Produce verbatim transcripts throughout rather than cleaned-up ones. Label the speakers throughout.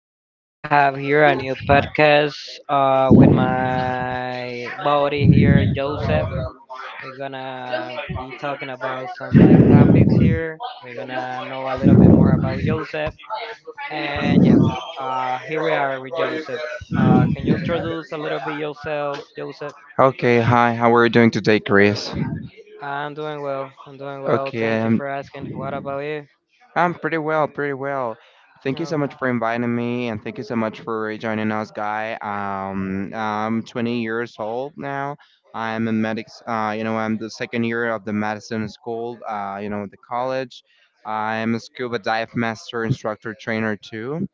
Speaker 1: yo? We have here a new podcast uh, with my buddy here, Joseph. We're gonna be talking about some like topics here. We're gonna know a little bit more about Joseph. And yeah, uh, here we are with Joseph. Uh, can you introduce a little bit yourself, Joseph?
Speaker 2: Okay, hi, how are you doing today, Chris?
Speaker 1: I'm doing well. I'm doing well.
Speaker 2: Okay,
Speaker 1: Thank you
Speaker 2: um,
Speaker 1: for asking. What about you?
Speaker 2: I'm pretty well, pretty well. Thank you so
Speaker 1: Okay.
Speaker 2: much for inviting me, and thank you so much for joining us, guy. Um, I'm twenty years old now. I'm a medics. Uh, you know, I'm the second year of the medicine school. Uh, you know, the college. I'm a scuba dive master instructor trainer too.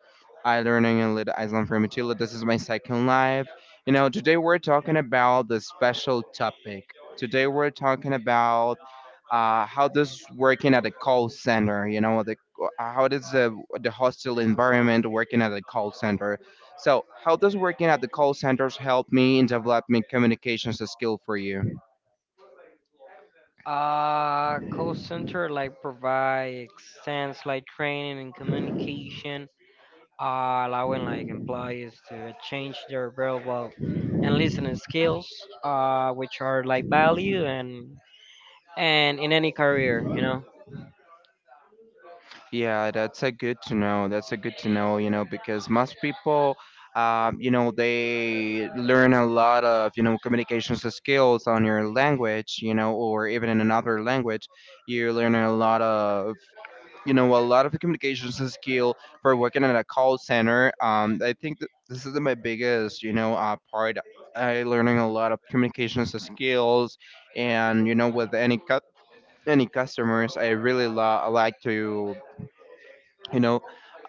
Speaker 2: I learning in Lid Island from Utila. This is my second life. You know, today we're talking about the special topic. Today we're talking about uh, how does working at a call center, you know, the how does the the hostile environment working at a call center? So, how does working at the call centers help me in developing communications skill for you?
Speaker 1: Uh, call center like provide extends like training and communication, uh, allowing like employees to change their verbal and listening skills, uh, which are like value and and in any career, you know.
Speaker 2: Yeah, that's a good to know. That's a good to know, you know, because most people, um, you know, they learn a lot of, you know, communications skills on your language, you know, or even in another language, you learn a lot of you know a lot of the communications skill for working at a call center. Um I think that this is my biggest you know uh, part. I learning a lot of communications skills, and you know with any cu- any customers I really lo- like to, you know,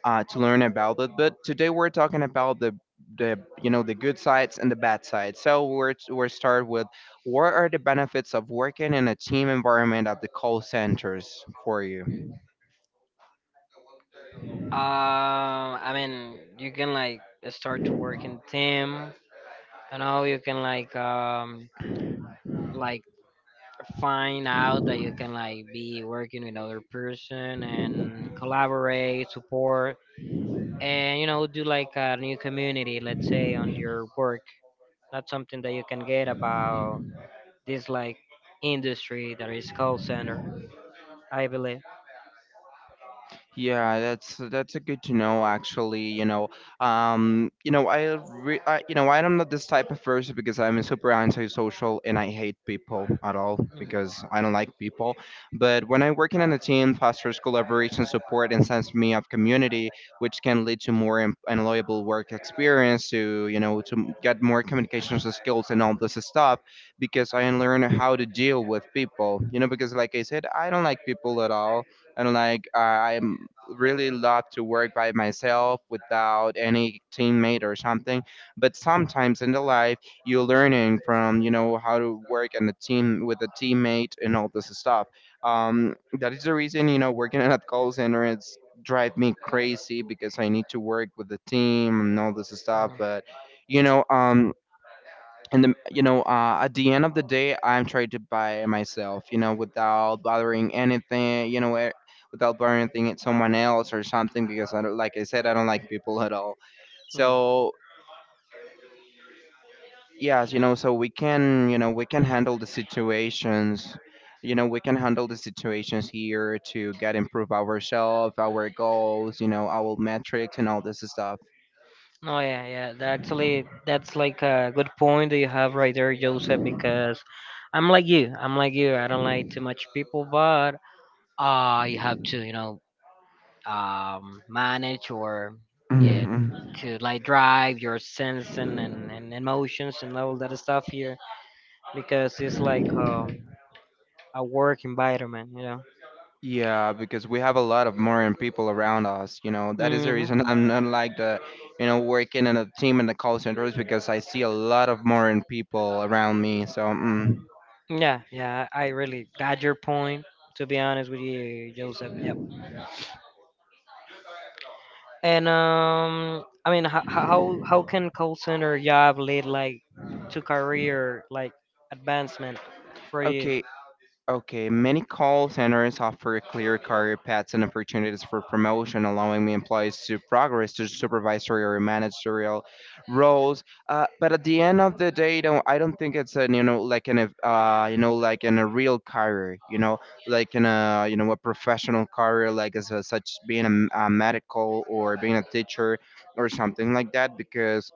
Speaker 2: uh, to learn about it. But today we're talking about the the you know the good sides and the bad sides. So we're we're start with, what are the benefits of working in a team environment at the call centers for you?
Speaker 1: Uh, I mean, you can like start to work in team. You know, you can like um like find out that you can like be working with other person and collaborate, support, and you know do like a new community, let's say, on your work. That's something that you can get about this like industry that is call center, I believe.
Speaker 2: Yeah, that's that's a good to know actually, you know. Um, you know, I, re- I you know, I am not this type of person because I'm super antisocial and I hate people at all because I don't like people. But when I'm working on a team, fosters collaboration, support and sense me of community, which can lead to more em- enjoyable work experience to, you know, to m- get more communications skills and all this stuff, because I learn how to deal with people, you know, because like I said, I don't like people at all, and like uh, I'm really love to work by myself without any teammate or something. But sometimes in the life, you're learning from, you know, how to work in a team with a teammate and all this stuff. Um, that is the reason, you know, working at a call center it's drive me crazy because I need to work with the team and all this stuff.
Speaker 1: Mm.
Speaker 2: But you know, um, and the, you know uh, at the end of the day, I'm trying to buy myself, you know, without bothering anything, you know, eh, without bothering anything at someone else or something, because I don't like I said, I don't like people at all.
Speaker 1: Mm. Mm.
Speaker 2: So yes, you know, so we can, you know, we can handle the situations. You know, we can handle the situations here to get improve ourselves, our goals, you know, our metrics and all this stuff.
Speaker 1: Oh yeah, yeah. that Actually, that's like a good point that you have right there, Joseph. Because I'm like you. I'm like you. I don't like too much people, but uh, you have to, you know, um, manage or yeah,
Speaker 2: Mhm.
Speaker 1: to like drive your sense and, and, and emotions and all that stuff here, because it's like um a work environment, you know.
Speaker 2: Yeah, because we have a lot of modern people around us. You know, that is the
Speaker 1: Mhm.
Speaker 2: reason I'm not like the, you know, working in a team in the call center is because I see a lot of modern people around me. So, mm.
Speaker 1: Yeah, yeah. I I really got your point. To be honest with you, Joseph. Yep. And um, I mean, ho- ho- how how can call center job lead like to career like advancement for you?
Speaker 2: Okay, okay. Many call centers offer clear career paths and opportunities for promotion, allowing employees to progress to supervisory or managerial roles. Uh, but at the end of the day, don't I don't think it's an you know like an ev- uh you know like in a real career, you know, like in a you know a professional career, like as a, such being a, m- a medical or being a teacher or something like that, because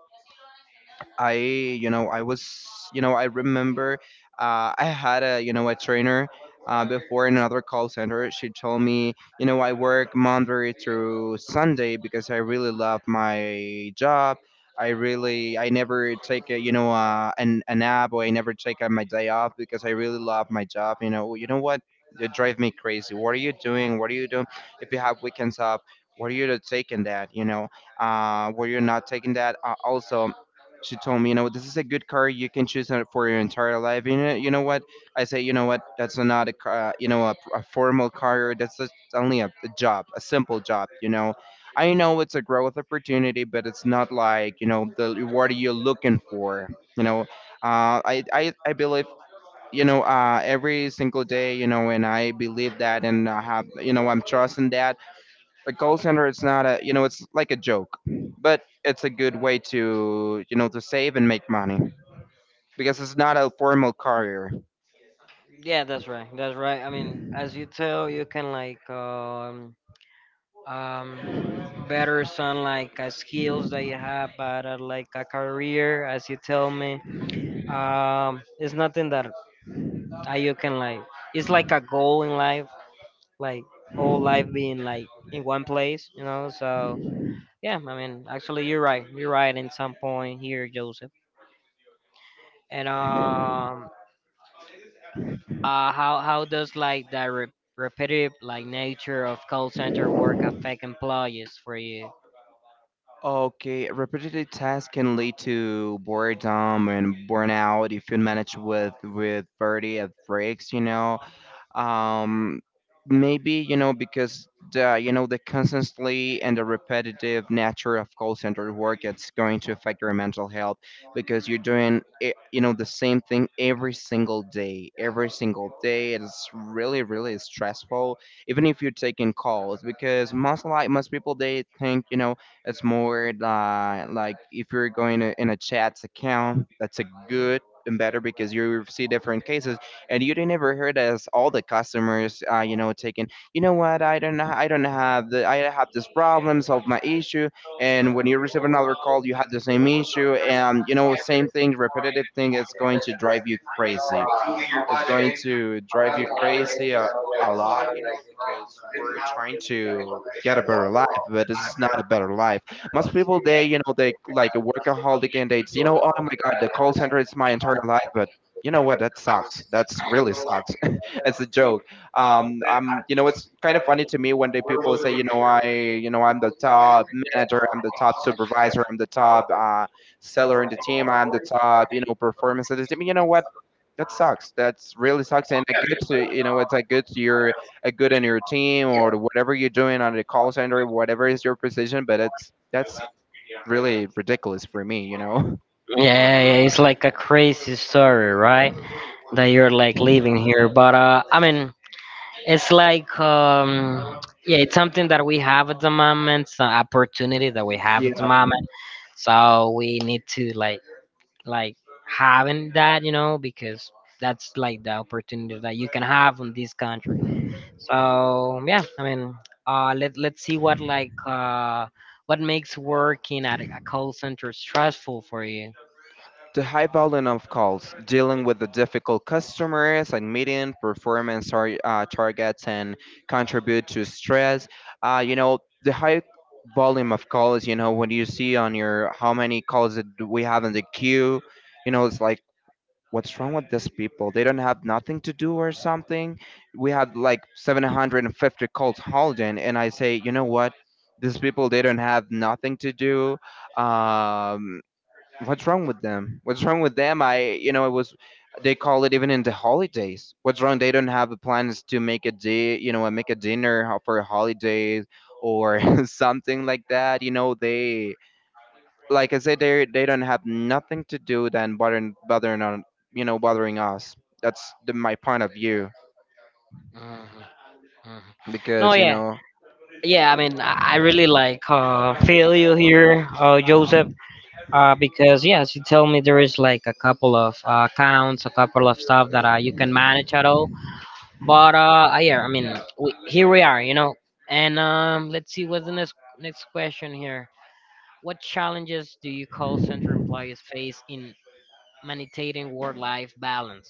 Speaker 2: I, you know, I was, you know, I remember uh, I had a, you know, a trainer uh, before in another call center. She told me, you know, I work Monday through Sunday because I really love my job. I really, I never take a, you know, uh, an, a nap, or I never take uh, my day off because I really love my job. You know, you know what? You drive me crazy. What are you doing? What are you doing? If you have weekends off, what are you taking that? You know, uh, were you not taking that? Uh, also, she told me, you know what, this is a good car. You can choose it for your entire life. You know, you know what? I say, you know what? That's not a, ca- uh, you know, a, a formal car. That's just only a, a job, a simple job. You know, I know it's a growth opportunity, but it's not like you know the reward you're looking for. You know, uh, I, I, I believe. You know, uh, every single day, you know, and I believe that, and I have, you know, I'm trusting that a call center it's not a you know it's like a joke, but it's a good way to, you know, to save and make money, because it's not a formal career.
Speaker 1: Yeah, that's right. That's right. I mean, as you tell, you can like um um better some like uh, skills that you have, but uh, like a career, as you tell me, um, it's nothing that uh, you can like. It's like a goal in life, like whole life being like in one place, you know. So yeah, I mean, actually, you're right. You're right in some point here, Joseph. And um, uh, how how does like that re- repetitive like nature of call center work affect employees for you?
Speaker 2: Okay, repetitive tasks can lead to boredom and burnout if you manage with with thirty at breaks, you know. um, Maybe you know because the you know the constantly and the repetitive nature of call center work it's going to affect your mental health, because you're doing it, you know, the same thing every single day, every single day, it's really really stressful. Even if you're taking calls, because most like most people they think you know it's more like like if you're going to, in a chats account, that's a good and better because you see different cases, and you didn't ever heard as all the customers, uh, you know, taking, you know what, I don't, ha- I don't have the, I have this problem, solve my issue, and when you receive another call, you have the same issue, and you know, same thing, repetitive thing is going to drive you crazy. It's going to drive you crazy a, a lot, you know, because we're trying to get a better life, but this is not a better life. Most people, they, you know, they like a workaholic and they, you know, oh my God, the call center is my entire life. But you know what? That sucks. That's really sucks. It's a joke. Um, I'm, you know, it's kind of funny to me when the people say, you know, I, you know, I'm the top manager, I'm the top supervisor, I'm the top uh, seller in the team. I'm the top, you know, performance of the team. You know what? That sucks. That's really sucks. And a good to you know, it's a good to your a good in your team or whatever you're doing on the call center, whatever is your position. But it's that's really ridiculous for me. You know.
Speaker 1: Yeah, yeah, it's like a crazy story, right? That you're like living here, but uh, I mean, it's like um, yeah, it's something that we have at the moment. It's an opportunity that we have
Speaker 2: Yeah,
Speaker 1: at the moment. So we need to like like having that, you know, because that's like the opportunity that you can have in this country. So yeah, I mean, uh, let let's see what like uh, what makes working at a call center stressful for you.
Speaker 2: the high volume of calls, dealing with the difficult customers and meeting performance tar- uh, targets and contribute to stress. Uh, you know, the high volume of calls, you know, when you see on your how many calls that we have in the queue, you know, it's like, what's wrong with these people? They don't have nothing to do or something. We had like seven hundred fifty calls holding, and I say, you know what? These people, they don't have nothing to do. Um, what's wrong with them? What's wrong with them? I, you know, it was, they call it even in the holidays. What's wrong? They don't have the plans to make a day, you know, make a dinner ho- for holidays or something like that. You know, they like I said, they they don't have nothing to do than bothering bothering on you know bothering us. That's the, my point of view
Speaker 1: Mhm, mhm. No,
Speaker 2: because you
Speaker 1: yeah,
Speaker 2: know
Speaker 1: yeah. I mean, I, I really like uh, feel you here, uh, Joseph. Uh, because yes, you tell me there is like a couple of uh, accounts, a couple of stuff that uh, you can manage at all. But uh, uh, yeah, I mean, we, here we are, you know. And um, let's see what's the next next question here. What challenges do you call center employees face in maintaining work-life balance?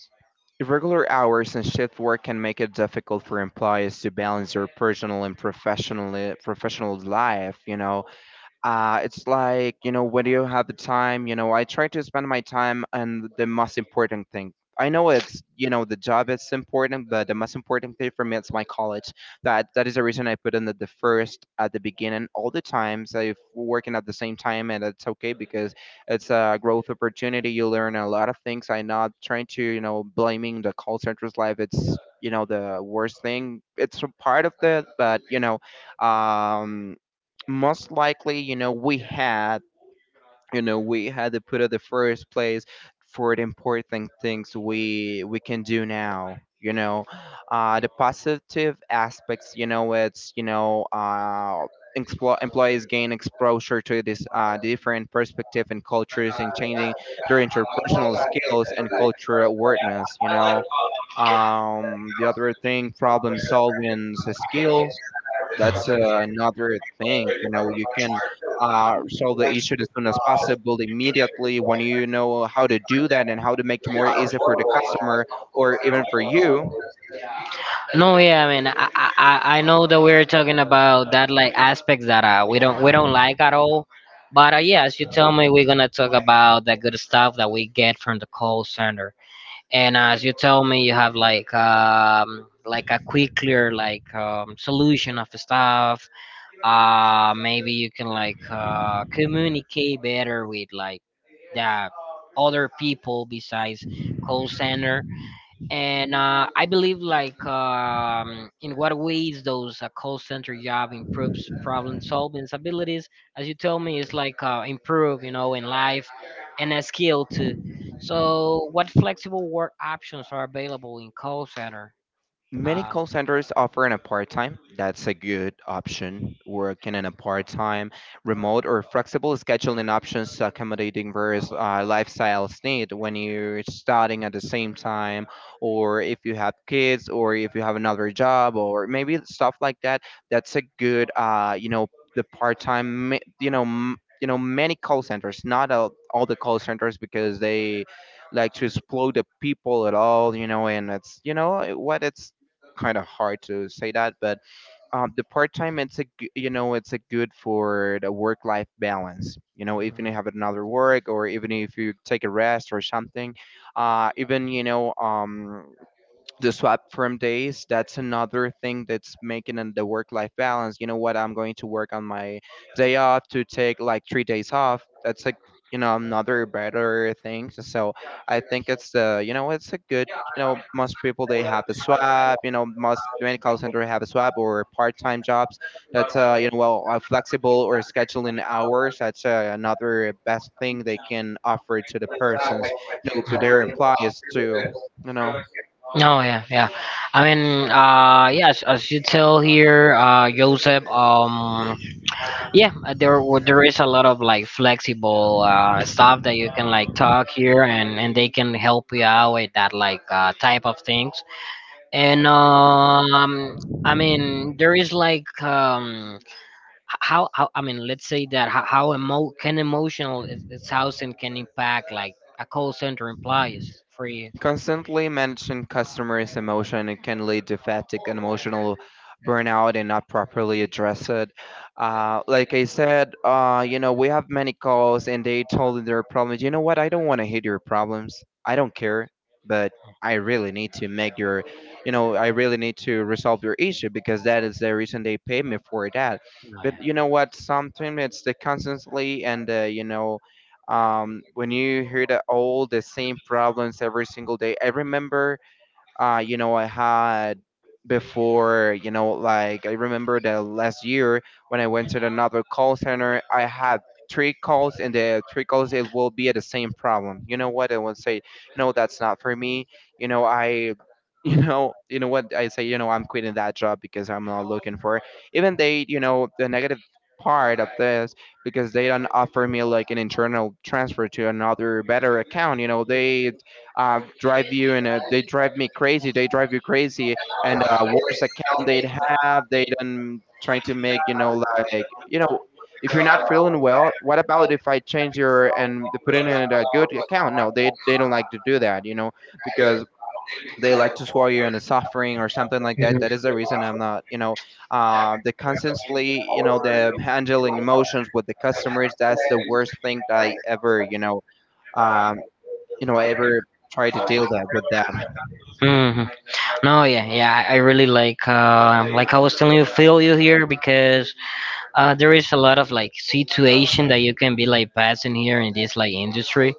Speaker 2: irregular hours and shift work can make it difficult for employees to balance their personal and professional professional life. You know, Uh, it's like, you know, when you have the time, you know, I try to spend my time on the most important thing. I know it's, you know, the job is important, but the most important thing for me is my college. That that is the reason I put in the, the first at the beginning all the time. So if we're working at the same time, and it's okay because it's a growth opportunity. You learn a lot of things. I'm not trying to, you know, blaming the call center's life. It's you know the worst thing. It's a part of that, but you know, um most likely, you know, we had, you know, we had to put at the first place for the important things we we can do now. You know, uh, the
Speaker 1: Yep.
Speaker 2: positive aspects. You know, it's you know, uh, explo- Employees gain exposure to this uh, different perspective and cultures and changing their interpersonal skills and cultural awareness. You know, um, the other thing, problem solving skills that's uh, another thing. You know, you can uh, solve the issue as soon as possible, immediately, when you know how to do that and how to make it more easy for the customer or even for you.
Speaker 1: No, yeah, I mean, I, I I I know that we're talking about that like aspects that uh, we don't we don't like at all. But uh, yeah, as you tell me, we're gonna talk about the good stuff that we get from the call center. And uh, as you tell me, you have like um like a quicker like um, solution of stuff. uh maybe you can like uh communicate better with like the other people besides call center. And uh, I believe like um, in what ways those a call center job improves problem solving abilities, as you told me, is like uh, improve, you know, in life and a skill too. So what flexible work options are available in call center?
Speaker 2: Many
Speaker 1: Um,
Speaker 2: call centers offer an part time. That's a good option. Working in a part time, remote, or flexible scheduling options accommodating various uh, lifestyles need when you're studying at the same time, or if you have kids, or if you have another job, or maybe stuff like that. That's a good, uh, you know, the part time, you know, m- you know, many call centers, not all, all the call centers because they like to explode the people at all, you know, and it's you know what it's kind of hard to say that, but um, the part time it's a g- you know it's a good for the work life balance. You know, even
Speaker 1: mhm.
Speaker 2: you have another work or even if you take a rest or something, uh, even you know um the swap from days, that's another thing that's making an- the work life balance. You know what, I'm going to work on my day off to take like three days off. That's like, you know, another better thing, so I think it's the, you know, it's a good, you know. Most people, they have the swap, you know. Most many call center have a swap or part-time jobs. That's uh you know, well, uh, flexible or scheduling hours. That's uh, another best thing they can offer to the persons, you know, to their employees too, you know.
Speaker 1: Oh yeah, yeah. I mean, uh, yes, as you tell here, uh, Joseph, um, yeah, uh, there w- there is a lot of like flexible uh, stuff that you can like talk here, and and they can help you out with that like uh, type of things. And um I mean, there is like um h- how how I mean, let's say that how, how emo- can emotional is, is housing can impact like a call center employees for you?
Speaker 2: Constantly managing customers' emotion, it can lead to fatigue and emotional burnout and not properly address it. Uh, like I said, uh, you know, we have many calls and they told their problems. You know what? I don't want to hit your problems. I don't care, but I really need to make your, you know, I really need to resolve your issue because that is the reason they pay me for that. But you know
Speaker 1: Oh,
Speaker 2: what? Sometimes it's the constantly and uh, you know, um, when you hear that all the same problems every single day. I remember, uh, you know, I had before, you know, like I remember the last year when I went to another call center, I had three calls and the three calls it will be the same problem. You know what? I would say, no, that's not for me. You know, I you know, you know what I say, you know, I'm quitting that job because I'm not looking for it. Even they, you know, the negative part of this because they don't offer me like an internal transfer to another better account. You know, they uh, drive you and uh, they drive me crazy. They drive you crazy, and uh, worst account they'd have, they then trying to make you know, like, you
Speaker 1: yeah.
Speaker 2: know, if you're not feeling well, what about if I change your and they put in a good account? No, they they don't like to do that, you know, because they like to swallow you into suffering or something like that. That is the reason I'm not, you know, uh, the constantly, you know, the handling emotions with the customers. That's the worst thing that I ever, you know, um, you know, ever try to deal that with that.
Speaker 1: Hmm. No, yeah, yeah. I really like, uh, like I was telling you, feel you here, because uh, there is a lot of like situation that you can be like passing here in this like industry.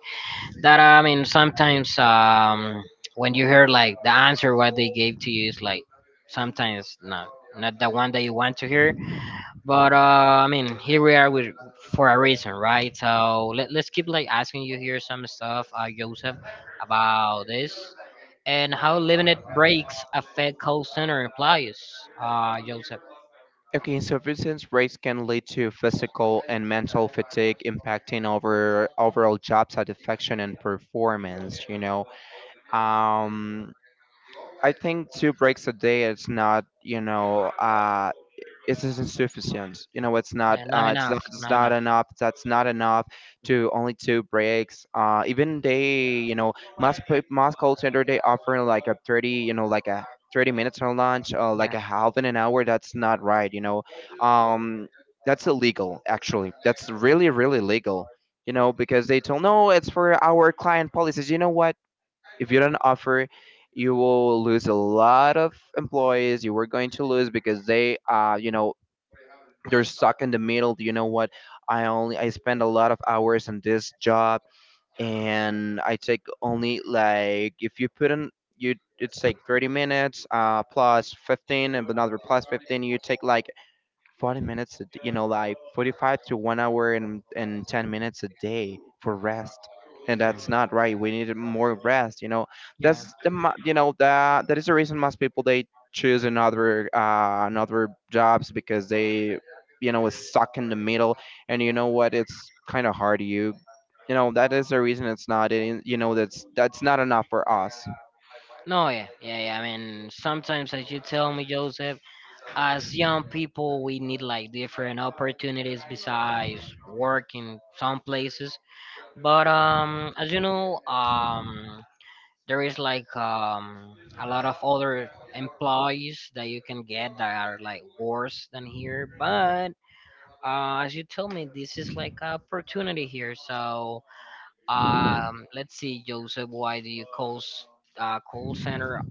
Speaker 1: That I mean, sometimes um, when you hear like the answer what they gave to you is like sometimes not not the one that you want to hear. But uh, I mean, here we are with for a reason, right? So let, let's keep like asking you here some stuff, uh, Joseph, about this, and how limited breaks affect call center employees, uh, Joseph.
Speaker 2: Okay, so frequent breaks can lead to physical and mental fatigue, impacting over overall job satisfaction and performance. You know, um, I think two breaks a day is not, you know, uh, it is insufficient. You know, it's not
Speaker 1: Yeah, not
Speaker 2: uh, it's not
Speaker 1: enough,
Speaker 2: it's
Speaker 1: not
Speaker 2: not
Speaker 1: enough.
Speaker 2: enough. That's not enough to only two breaks. Uh, even they, you know, most pe- most call center they offer like a thirty, you know, like a thirty minutes on lunch, uh, like
Speaker 1: Yeah.
Speaker 2: a half in an hour. That's not right. You know, um, that's illegal. Actually, that's really really legal. You know, because they told no, it's for our client policies. You know what? If you don't offer, you will lose a lot of employees. You were going to lose because they uh you know, they're stuck in the middle. You know what, i only I spend a lot of hours on this job and I take only, like, if you put in you, it's like thirty minutes uh plus fifteen and another plus fifteen. You take like forty minutes, a d- you know, like forty-five to one hour and, and ten minutes a day for rest. And
Speaker 1: Mm.
Speaker 2: that's not right. We need more rest. You know,
Speaker 1: Yeah.
Speaker 2: that's the mo- you know that that is the reason most people they choose another uh, another jobs because they, you know, is stuck in the middle. And you know what? It's kind of hard. You you know that is the reason it's not. In you know that's that's not enough for us.
Speaker 1: No, yeah, yeah, yeah. I mean, sometimes, as you tell me, Joseph, as young people, we need like different opportunities besides work in some places. But um, as you know, um, there is like um a lot of other employees that you can get that are like worse than here. But uh, as you tell me, this is like an opportunity here. So um, let's see, Joseph, why do you call s- uh, call center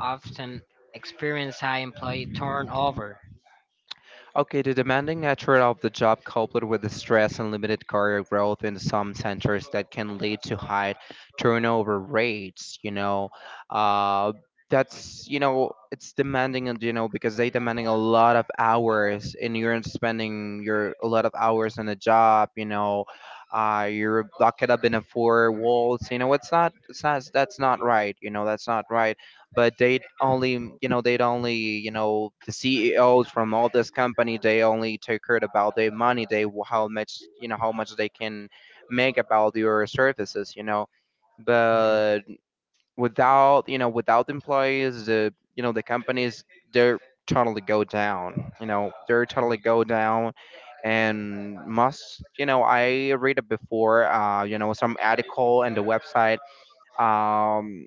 Speaker 1: often experience high employee turnover?
Speaker 2: Okay, the demanding nature of the job coupled with the stress and limited career growth in some centers that can lead to high turnover rates, you know, uh, that's, you know, it's demanding and, you know, because they demanding a lot of hours and you're spending your, a lot of hours in a job, you know, uh, you're locked up in a four walls, you know, it's not, it's not, that's not right, you know, that's not right, but they only, you know, they only, you know, the CEOs from all this company, they only take care about their money. They, how much, you know, how much they can make about your services, you know.
Speaker 1: Mm,
Speaker 2: But without, you know, without employees, the, you know, the companies, they're totally go down, you know. They're totally go down, and must, you know, I read it before, uh you know, some article and the website, um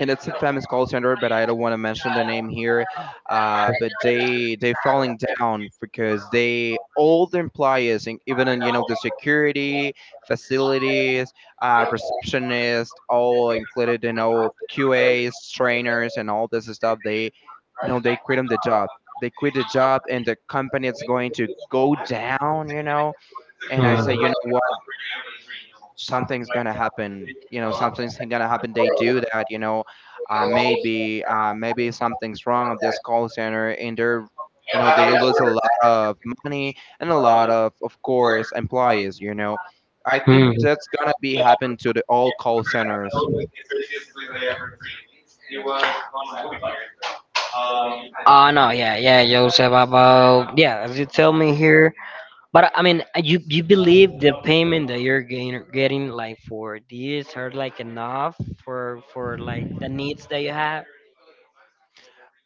Speaker 2: and it's a famous call center, but I don't want to mention the name here. Uh, but they they falling down because they all the employees, in- even in, you know, the security facilities, uh, receptionist, all included, you know, Q As, trainers, and all this stuff. They, you know, they quit on the job. They quit the job, and the company is going to go down. You know,
Speaker 1: mm,
Speaker 2: and I
Speaker 1: mm.
Speaker 2: say, you know what? Something's gonna happen, you know, something's gonna happen they do that, you know, uh, maybe uh, maybe something's wrong at this call center, and they're you know, they lose a lot of money and a lot of of course, employees, you know. I think
Speaker 1: Mm.
Speaker 2: that's gonna be happen to the all call centers.
Speaker 1: Oh no, yeah, yeah, Joseph. About yeah, as you tell me here, but I mean, uh, you, you believe the payment that you're getting, getting like for these are like enough for for like the needs that you have.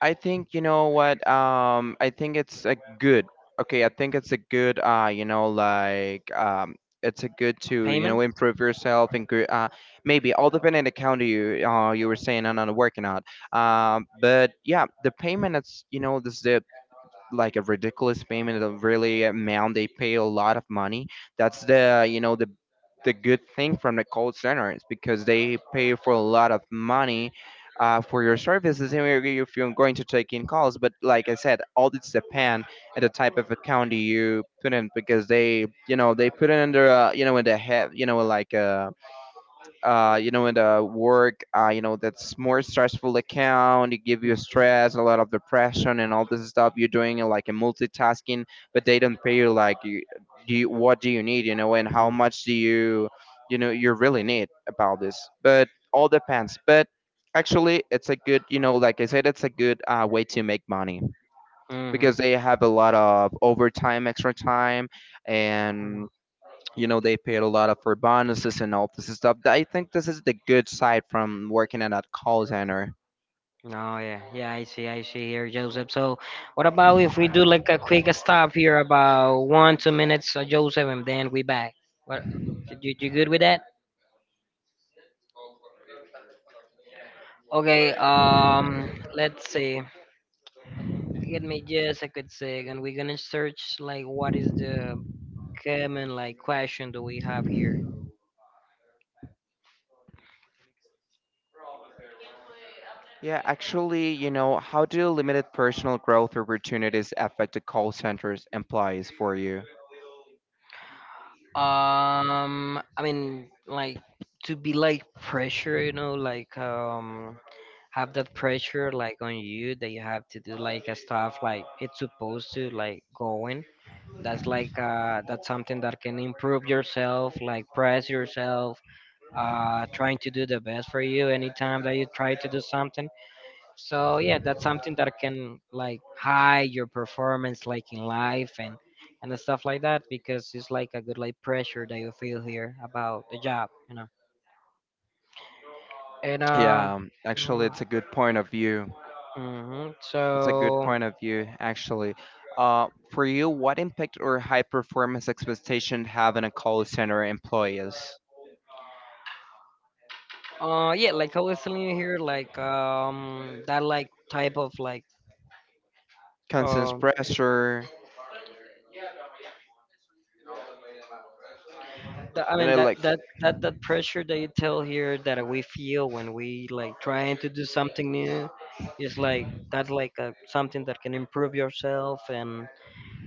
Speaker 2: I think you know what. Um, I think it's a good. Okay, I think it's a good. Uh, you know, like, um, it's a good to, you know,
Speaker 1: Payment?
Speaker 2: improve yourself and gr- uh, maybe all depending on the county you uh you were saying on on working out. Um, but yeah, the payment, it's, you know, this like a ridiculous payment of really amount, they pay a lot of money. That's the, you know, the the good thing from the call center is because they pay for a lot of money uh, for your services, and if you- if you're going to take in calls. But like I said, all this depend at the type of account you put in because they, you know, they put it under uh, you know, in the head, you know, like, uh, uh, you know, in the work, uh, you know, that's more stressful account. It give you stress, a lot of depression, and all this stuff. You're doing uh, like a multitasking, but they don't pay you like, you, do you, what do you need, you know, and how much do you, you know, you really need about this. But all depends. But actually, it's a good, you know, like I said, it's a good uh, way to make money
Speaker 1: Mm.
Speaker 2: because they have a lot of overtime, extra time,
Speaker 1: Hmm.
Speaker 2: and you know, they paid a lot of for bonuses and all this stuff. Th- I think this is the good side from working at a call center.
Speaker 1: Oh yeah, yeah. I see, I see here, Joseph. So, what about if we do like a quick stop here, about one two minutes, uh, Joseph, and then we back. What? You, you good with that? Okay. Um, let's see. Give me just a quick second. We're gonna search like what is the common like question that we have here.
Speaker 2: Yeah, actually, you know, how do limited personal growth opportunities affect the call center's employees for you?
Speaker 1: Um, I mean, like to be like pressure, you know, like um, have that pressure like on you that you have to do like a stuff like it's supposed to like going. That's like uh, that's something that can improve yourself, like press yourself, uh, trying to do the best for you anytime that you try to do something. So yeah, that's something that can like high your performance like in life and and stuff like that, because it's like a good like pressure that you feel here about the job, you know. And um,
Speaker 2: Yeah, um, actually it's a good point of view.
Speaker 1: hmm,
Speaker 2: It's a good
Speaker 1: so
Speaker 2: point of view actually. Uh, for you, what impact or high performance expectation have on a call center employees?
Speaker 1: uh yeah, like I was telling you here, like um that like type of like
Speaker 2: Constant
Speaker 1: um
Speaker 2: pressure,
Speaker 1: that, I
Speaker 2: you
Speaker 1: mean,
Speaker 2: know,
Speaker 1: that
Speaker 2: like.
Speaker 1: that that that pressure that you tell here that we feel when we like trying to do something new is like, that's like a, something that can improve yourself and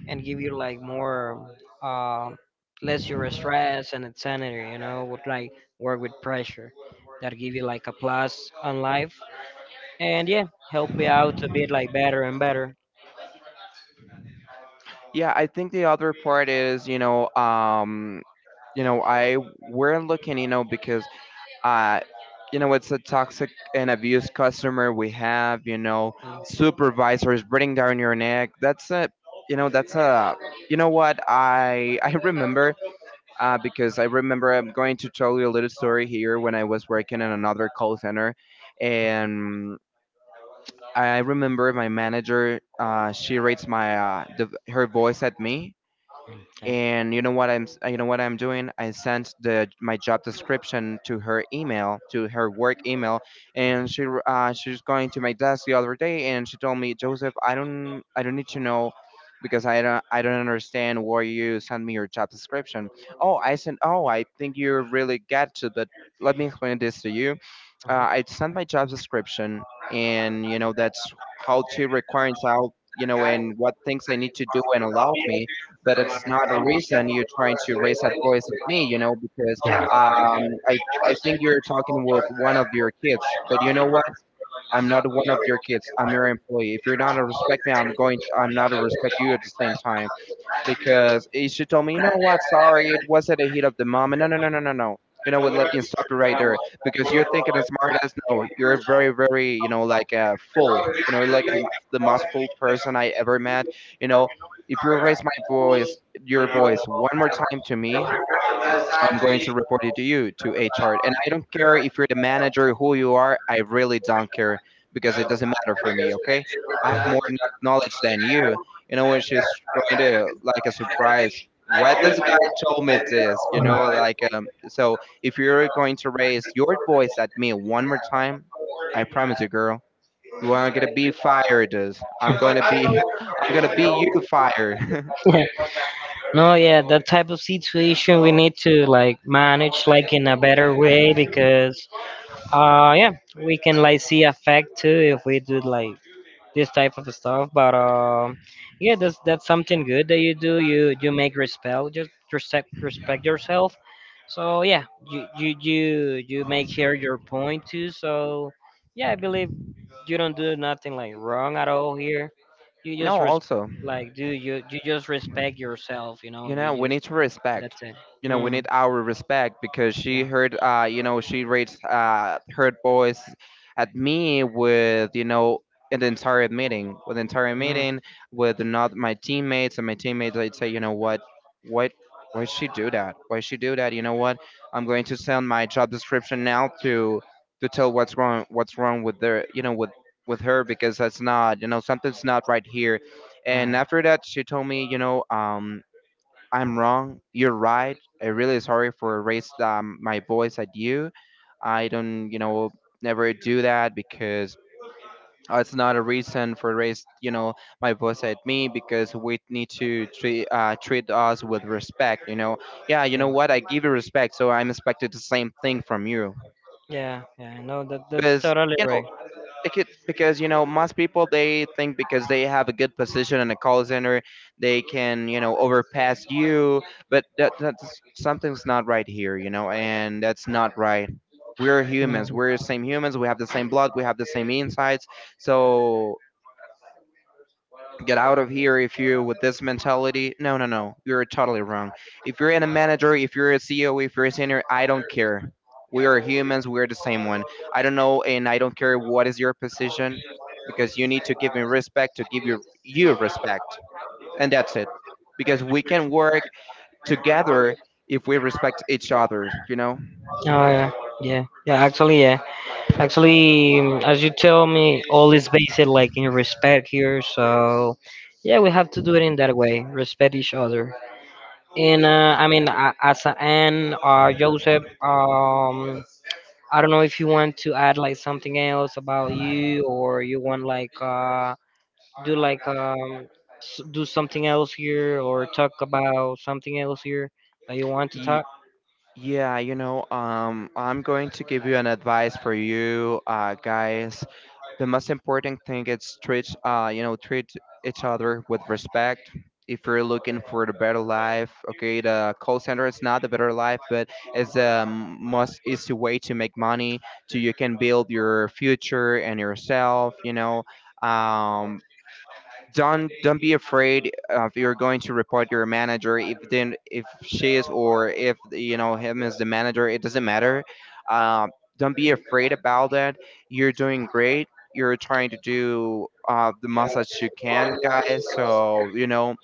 Speaker 1: and give you like more uh, less your stress and insanity, you know, would like work with pressure that give you like a plus on life, and yeah, help you out to be like better and better.
Speaker 2: Yeah, I think the other part is, you know, um, you know, I we're looking, you know, because, uh, you know, it's a toxic and abused customer we have, you know, supervisors breathing down your neck. That's a, you know, that's a, you know what I I remember, uh, because I remember I'm going to tell you a little story here when I was working in another call center, and I remember my manager. Uh, she rates my uh, the, her voice at me.
Speaker 1: Mm, okay.
Speaker 2: And you know what i'm s- you know what I'm doing, I sent the my job description to her email, to her work email. And she r- uh, she was going to my desk the other day and she told me, Joseph, i don't I don't need to know because i don't I don't understand why you sent me your job description. Oh, I said, oh, I think you really get to, but let me explain this to you. uh,
Speaker 1: Mhm.
Speaker 2: I sent my job description and you know that's how to requirements out, you know, and what things I need to do and allow me. But it's not a reason you're trying to raise that voice at me, you know, because um, I I think you're talking with one of your kids, but you know what? I'm not one of your kids. I'm your employee. If you're not to respect me, I'm going. To, I'm not to respect you at the same time because eh, she told me, you know what, sorry, it was not a heat of the moment. No, no, no, no, no, no. You know what, let me stop you right there because you're thinking as smart as no, you're very, very, you know, like uh, full, you know, like um, the most full person I ever met. You know, if you raise my voice, your voice one more time to me, I'm going to report it to you, to H R. And I don't care if you're the manager, who you are, I really don't care because it doesn't matter for me, okay? I have more kn- knowledge than you. You know, when she's going to, like, a surprise, what this guy told me this, you know, like, um, so if you're going to raise your voice at me one more time, I promise you, girl, you are gonna be fired. Is. I'm gonna be, I'm gonna be you fired.
Speaker 1: No, yeah, that type of situation we need to like manage like in a better way, because uh yeah, we can like see effect too if we do like this type of stuff. But um, yeah, that's that's something good that you do. You you make respect, just respect respect yourself. So yeah, you you you you make here your point too. So yeah, I believe you don't do nothing like wrong at all here. You just
Speaker 2: No,
Speaker 1: res-
Speaker 2: also.
Speaker 1: like do you, you just respect yourself. You know,
Speaker 2: You
Speaker 1: you
Speaker 2: know we
Speaker 1: just
Speaker 2: need to respect,
Speaker 1: that's it.
Speaker 2: you know we need
Speaker 1: Mm,
Speaker 2: our respect because she
Speaker 1: yeah.
Speaker 2: heard, uh you know, she raised uh her voice at me with, you know, an entire meeting, with entire
Speaker 1: Mm,
Speaker 2: meeting with not my teammates. And my teammates I'd say, you know what what why she do that, why she do that, you know what, I'm going to send my job description now to to tell what's wrong, what's wrong with their, you know, with with her, because that's not, you know, something's not right here. And
Speaker 1: yeah.
Speaker 2: after that she told me, you know, um I'm wrong. You're right. I'm really sorry for raised um, my voice at you. I don't, you know, never do that because uh, it's not a reason for raise, you know, my voice at me because we need to treat uh, treat us with respect. You know, yeah, you know
Speaker 1: Yeah.
Speaker 2: what? I give you respect, so I'm expected the same thing from you.
Speaker 1: Yeah. Yeah. No, that that's
Speaker 2: Because
Speaker 1: totally
Speaker 2: you know,
Speaker 1: right.
Speaker 2: because, because you know most people they think, because they have a good position in a call center, they can, you know, overpass you. But that, that's something's not right here, you know, and that's not right. We're humans,
Speaker 1: Mhm.
Speaker 2: we're the same humans, we have the same blood, we have the same insights. So get out of here if you with this mentality. No, no, no. You're totally wrong. If you're in a manager, if you're a C E O, if you're a senior, I don't care. We are humans. We're the same one. I don't know, and I don't care what is your position, because you need to give me respect to give you you respect, and that's it. Because we can work together if we respect each other. You know.
Speaker 1: Oh yeah, yeah, yeah. Actually, yeah. Actually, mm, as you tell me, all is based like in respect here. So, yeah, we have to do it in that way. Respect each other. And uh, I mean, a- as an end, uh, Joseph, um, I don't know if you want to add like something else about you, or you want like uh do like um s- do something else here or talk about something else here that you want to
Speaker 2: Ye-
Speaker 1: talk.
Speaker 2: yeah, you know, um, I'm going to give you an advice for you, uh, guys. The most important thing is treat, uh you know, treat each other with respect. If you're looking for the better life, okay, the call center is not the better life, but it's the most easy way to make money, so you can build your future and yourself, you know. um don't don't be afraid of you're going to report your manager if then, if she is, or if you know him is the manager. It doesn't matter. Uh, don't be afraid about that. You're doing great. You're trying to do uh, the most that you can, guys. So you know,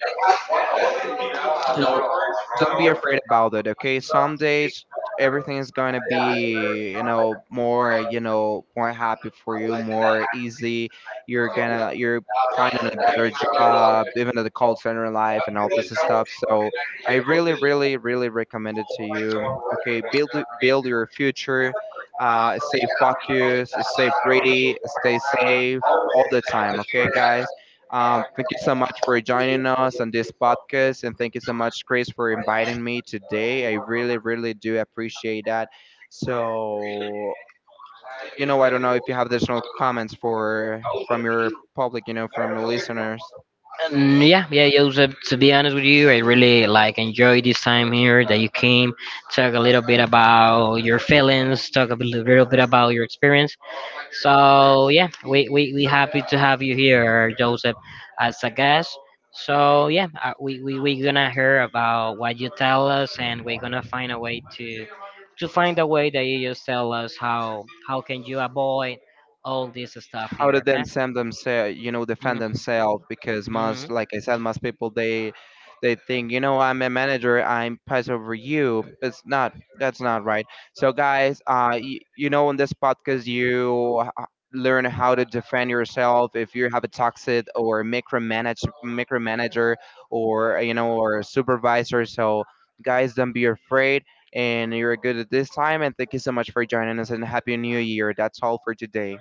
Speaker 2: don't be afraid about it, okay? Some days everything is going to be, you know, more, you know, more happy for you, more easy. You're gonna, you're finding a better job, even at the call center life and all this stuff. So I really, really, really recommend it to you, okay? Build it- build your future. Uh, stay focused, stay pretty, stay safe all the time, okay, guys? Um, thank you so much for joining us on this podcast, and thank you so much, Chris, for inviting me today. I really, really do appreciate that. So, you know, I don't know if you have additional comments for from your public, you know, from your listeners.
Speaker 1: Mm, yeah, yeah, Joseph. To be honest with you, I really like enjoy this time here that you came. Talk a little bit about your feelings. Talk a bit- little bit about your experience. So yeah, we we we happy to have you here, Joseph, as a guest. So yeah, uh, we we we gonna hear about what you tell us, and we're gonna find a way to to find a way that you just tell us how how can you avoid all this stuff
Speaker 2: How
Speaker 1: here.
Speaker 2: to then
Speaker 1: Okay.
Speaker 2: send themselves, you know, defend themselves because
Speaker 1: Mhm.
Speaker 2: most, like I said, most people they they think, you know, I'm a manager, I'm pass over you. It's not, that's not right. So guys, uh, y- you know, in this podcast, you uh, learn how to defend yourself if you have a toxic or micromanage micromanager or, you know, or supervisor. So guys, don't be afraid. And you're good at this time. And thank you so much for joining us. And happy new year. That's all for today.